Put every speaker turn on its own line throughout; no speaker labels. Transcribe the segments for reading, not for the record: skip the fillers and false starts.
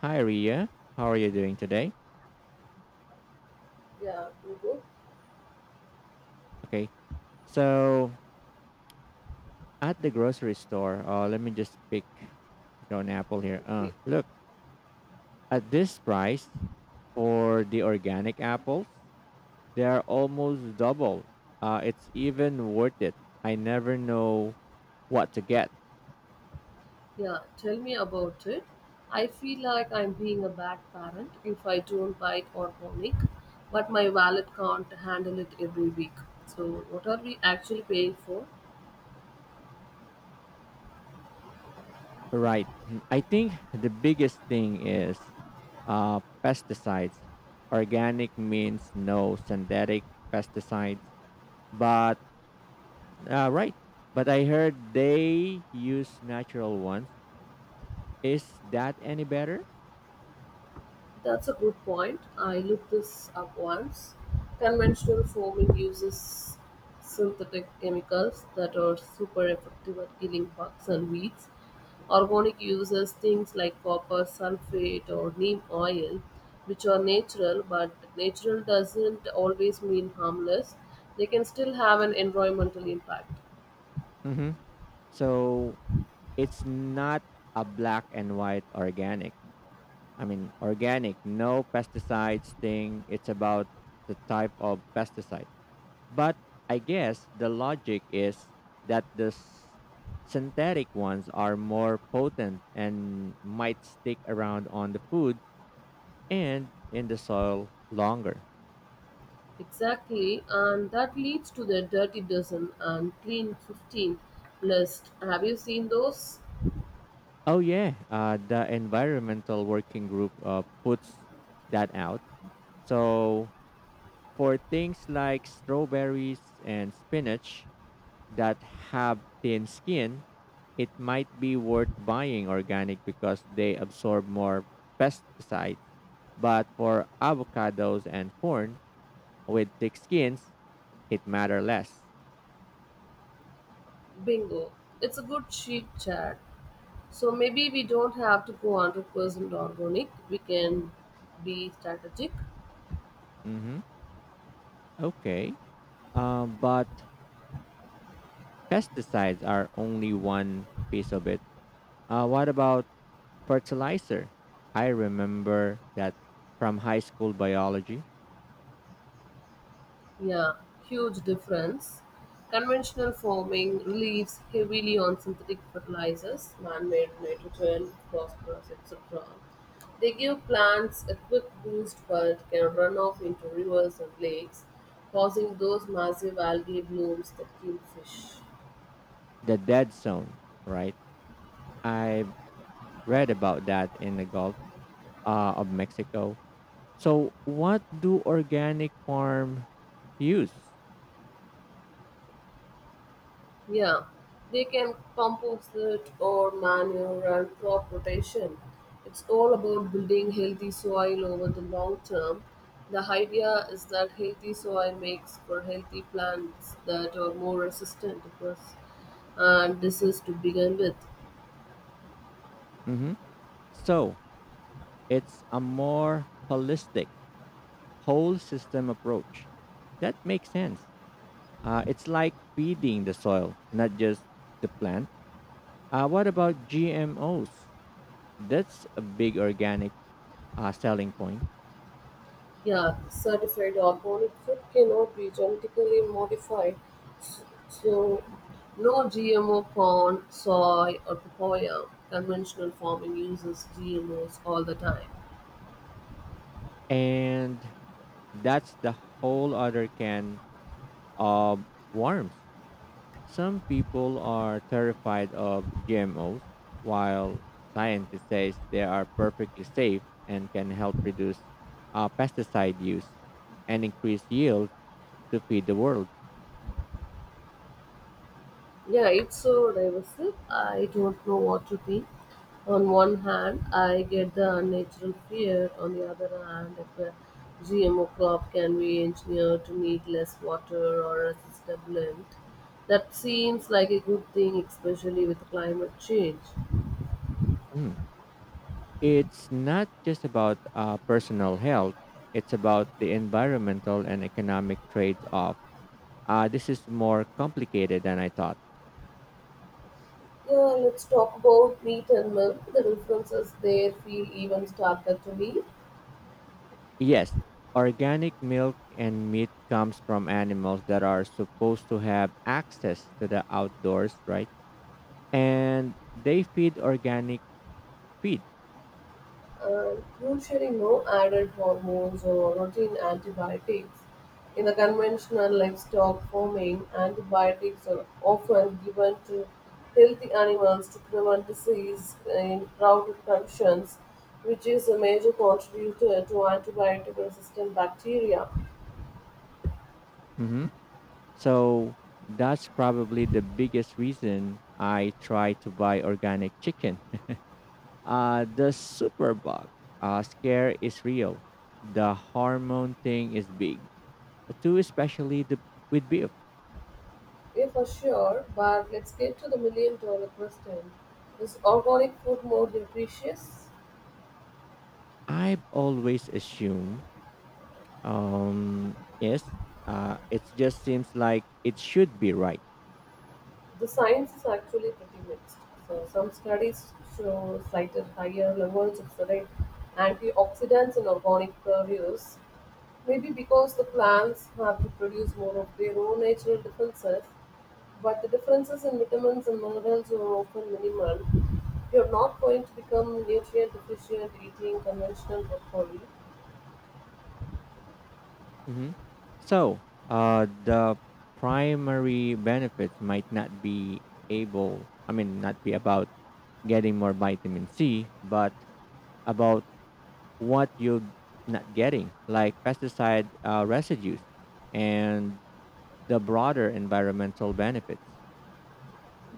Hi, Ria. How are you doing today?
Yeah, you go.
Okay. So at the grocery store, let me just pick an apple here.
Okay.
Look at this price for the organic apples. They are almost double. It's even worth it. I never know what to get.
Yeah, tell me about it. I feel like I'm being a bad parent if I don't buy it organic, but my wallet can't handle it every week. So, what are we actually paying for?
Right. I think the biggest thing is pesticides. Organic means no synthetic pesticides, but right. But I heard they use natural ones. Is that any better?
That's a good point. I looked this up once. Conventional farming uses synthetic chemicals that are super effective at killing bugs and weeds. Organic uses things like copper sulfate or neem oil, which are natural, but natural doesn't always mean harmless. They can still have an environmental impact.
hmm So it's not a black and white organic. I mean, organic, no pesticides thing. It's about the type of pesticide. But I guess the logic is that the synthetic ones are more potent and might stick around on the food and in the soil longer.
Exactly, and that leads to the dirty dozen and clean 15 list. Have you seen those?
Oh yeah, the environmental working group puts that out. So for things like strawberries and spinach that have thin skin, it might be worth buying organic because they absorb more pesticides. But for avocados and corn with thick skins, it matter less.
Bingo. It's a good cheap chat. So maybe we don't have to go 100% organic. We can be strategic.
Mm-hmm. Okay. But pesticides are only one piece of it. What about fertilizer. I remember that from high school biology.
Yeah, huge difference. Conventional farming relies heavily on synthetic fertilizers, man-made nitrogen, phosphorus, etc. They give plants a quick boost but can run off into rivers and lakes, causing those massive algae blooms that kill fish.
The dead zone, right? I read about that in the Gulf of Mexico. So, what do organic farm use?
Yeah, they can compost it or manure and crop rotation. It's all about building healthy soil over the long term. The idea is that healthy soil makes for healthy plants that are more resistant to pests and disease to begin with.
hmm So, it's a more holistic, whole system approach. That makes sense. It's like feeding the soil, not just the plant. What about GMOs? That's a big organic selling point.
Yeah, certified organic food cannot be genetically modified, so no GMO corn, soy, or papaya. Conventional farming uses GMOs all the time.
And that's the whole other can of worms. Some people are terrified of GMOs, while scientists say they are perfectly safe and can help reduce pesticide use and increase yield to feed the world.
Yeah, it's so divisive. I don't know what to think. On one hand, I get the unnatural fear. On the other hand, if a GMO crop can be engineered to need less water or resist a blend, that seems like a good thing, especially with climate change.
Mm. It's not just about personal health, it's about the environmental and economic trade off. Uh, this is more complicated than I thought.
Yeah, let's talk about meat and milk. The differences there feel even starker to me.
Yes, organic milk and meat comes from animals that are supposed to have access to the outdoors, right? And they feed organic feed.
And usually no added hormones or routine antibiotics. In the conventional livestock farming, antibiotics are often given to healthy animals to prevent disease in crowded conditions, which is a major contributor to antibiotic resistant bacteria.
hmm So that's probably the biggest reason I try to buy organic chicken. The superbug scare is real. The hormone thing is big, too, especially with beef.
Yeah, for sure, but let's get to the million-dollar question. Is organic food more nutritious?
I've always assumed yes, it just seems like it should be right.
The science is actually pretty mixed. So some studies show cited higher levels of certain antioxidants in organic produce, maybe because the plants have to produce more of their own natural defenses. But the differences in vitamins and minerals are often minimal. You're not going to become nutrient deficient eating conventional broccoli.
hmm So, the primary benefits might not I mean, not be about getting more vitamin C, but about what you're not getting, like pesticide residues and the broader environmental benefits.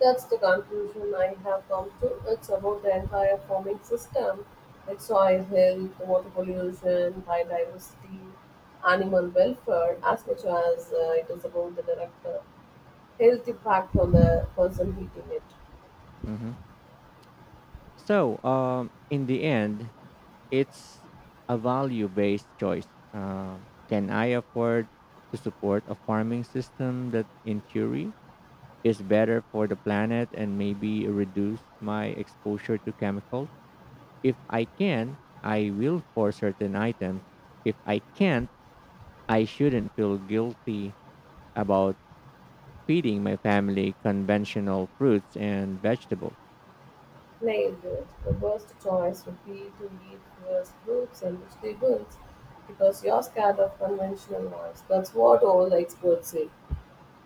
That's the conclusion I have come to. It's about the entire farming system, its soil health, water pollution, biodiversity, animal welfare, as much as it is about the direct health impact on the person eating it.
hmm So, in the end, it's a value-based choice. Can I afford to support a farming system that, in theory, is better for the planet and maybe reduce my exposure to chemicals? If I can, I will for certain items. If I can't, I shouldn't feel guilty about feeding my family conventional fruits and vegetables.
Nailed it. The worst choice would be to eat first fruits and vegetables because you're scared of conventional ones. That's what all the experts say.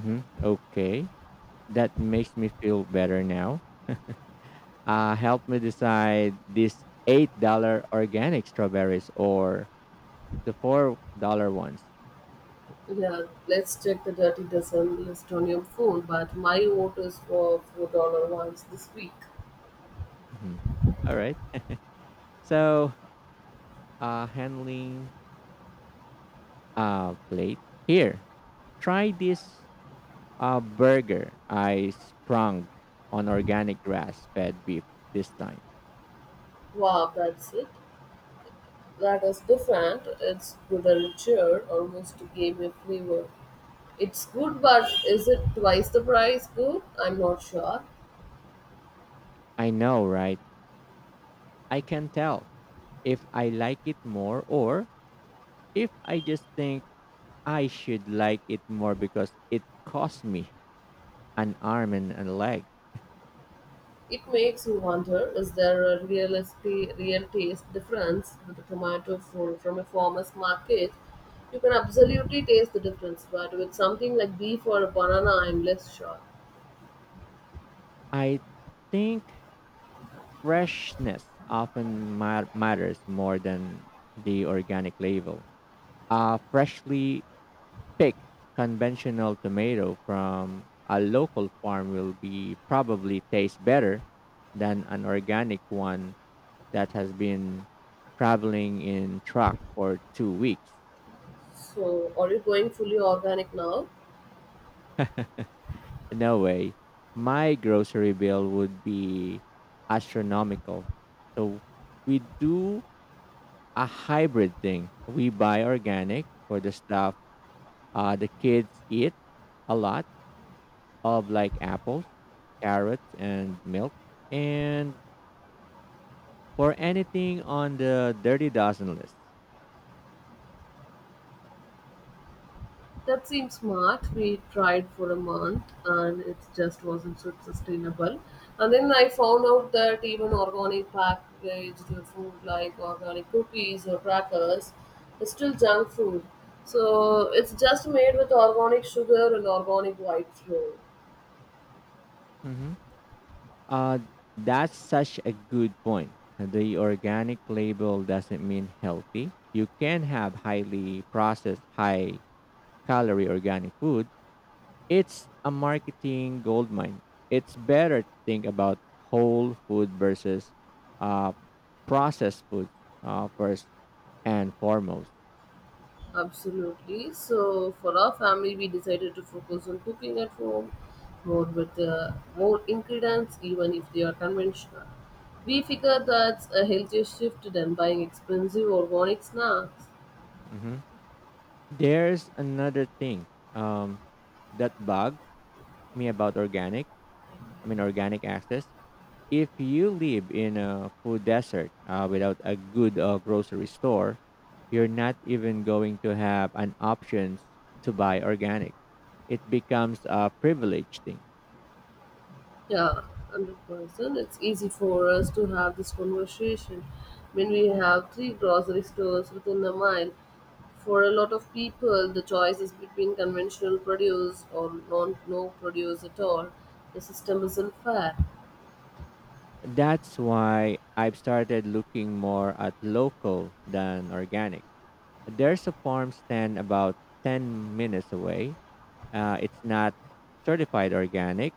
Mhm. Okay, that makes me feel better now. Help me decide these $8 organic strawberries or the $4 ones.
Yeah, let's check the Dirty Dozen list on your phone. But my vote is for $4 ones this week.
Mhm. All right. So, handling plate here. Try this burger I sprung on organic grass fed beef this time.
Wow, that's it. That is different. It's good and cheer, almost gamey flavor. It's good, but is it twice the price good? I'm not sure.
I know, right? I can tell if I like it more or if I just think I should like it more because it cost me an arm and a leg.
It makes you wonder: is there a real estate, real taste difference with a tomato from a farmer's market? You can absolutely taste the difference, but with something like beef or a banana, I'm less sure.
I think freshness often matters more than the organic label. A freshly pick conventional tomato from a local farm will be probably taste better than an organic one that has been traveling in truck for 2 weeks.
So, are you going fully organic now?
No way. My grocery bill would be astronomical. So we do a hybrid thing. We buy organic for the stuff the kids eat a lot of like apples, carrots, and milk, and for anything on the dirty dozen list.
That seems smart. We tried for a month and it just wasn't so sustainable. And then I found out that even organic packaged food like organic cookies or crackers is still junk food. So, it's just made with organic sugar and organic white flour.
hmm Uh, that's such a good point. The organic label doesn't mean healthy. You can have highly processed, high calorie organic food. It's a marketing goldmine. It's better to think about whole food versus uh, processed foods first and foremost.
Absolutely. So for our family, we decided to focus on cooking at home, more with more ingredients, even if they are conventional. We figure that's a healthier shift than buying expensive organic snacks.
hmm There's another thing um, that bugs me about organic. I mean, organic access if you live in a food desert without a good grocery store, you're not even going to have an options to buy organic. It becomes a privilege thing.
Yeah, 100%. It's easy for us to have this conversation when we have three grocery stores within a mile. For a lot of people, the choice is between conventional produce or non no produce at all. The system isn't fair.
That's why I've started looking more at local than organic. There's a farm stand about 10 minutes away. It's not certified organic.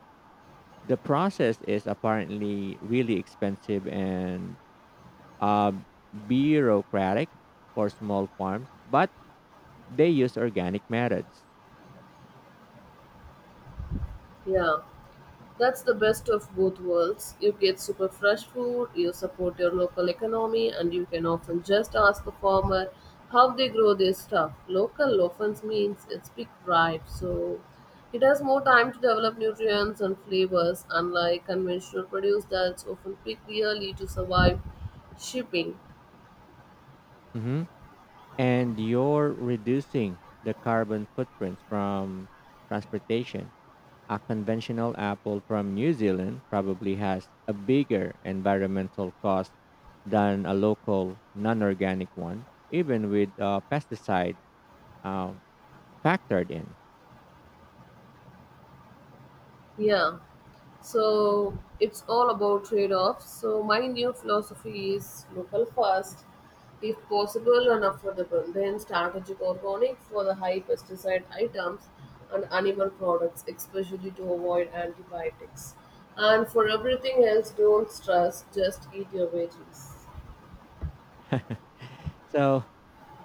The process is apparently really expensive and uh, bureaucratic for small farms, but they use organic methods.
Yeah, that's the best of both worlds. You get super fresh food, you support your local economy, and you can often just ask a farmer how they grow their stuff. Local often means it's big ripe, so it has more time to develop nutrients and flavors, unlike conventional produce that's often picked yearly to survive shipping.
hmm And you're reducing the carbon footprint from transportation. A conventional apple from New Zealand probably has a bigger environmental cost than a local non organic one, even with pesticide um, factored in.
Yeah. So it's all about trade offs. So my new philosophy is local first, if possible and affordable, then strategic organic for the high pesticide items and animal products, especially to avoid antibiotics. And for everything else, don't stress, just eat your veggies.
So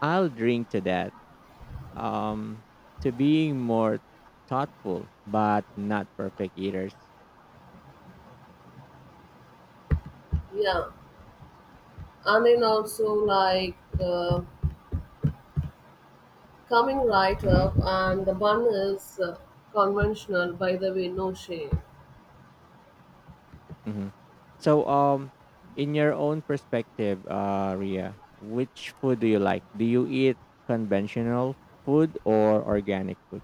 I'll drink to that, um, to being more thoughtful but not perfect eaters.
Yeah, and then also like coming right
hmm
up, and the bun is conventional, by the way, no shame.
hmm So, in your own perspective, Ria, which food do you like? Do you eat conventional food or organic food?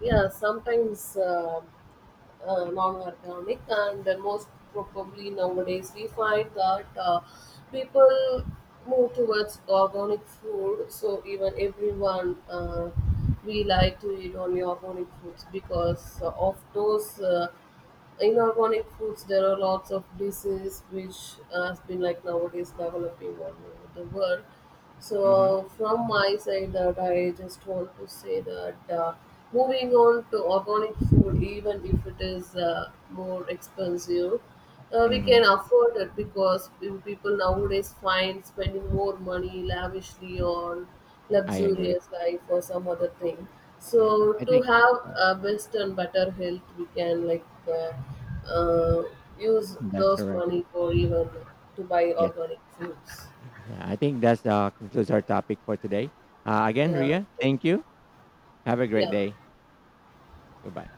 Yeah, sometimes non-organic, and then most probably nowadays we find that people move towards organic food. So even everyone, we like to eat only organic foods because of those. In organic foods there are lots of disease which has been like nowadays developing all over the world,
Mm-hmm.
so from my side that I just want to say that moving on to organic food even if it is more expensive, we
Mm-hmm.
can afford it because people nowadays find spending more money lavishly on
I agree.
luxurious life or some other thing.
Yeah,
So
I
to
think,
have
yeah,
a best and better health, we can like uh, use
that's
those
correct.
money for even to buy
Yes.
organic foods.
Yeah, I think that's concludes our topic for today. Again,
Yeah,
Ria,
like,
thank you. Have a great
yeah.
day. Goodbye.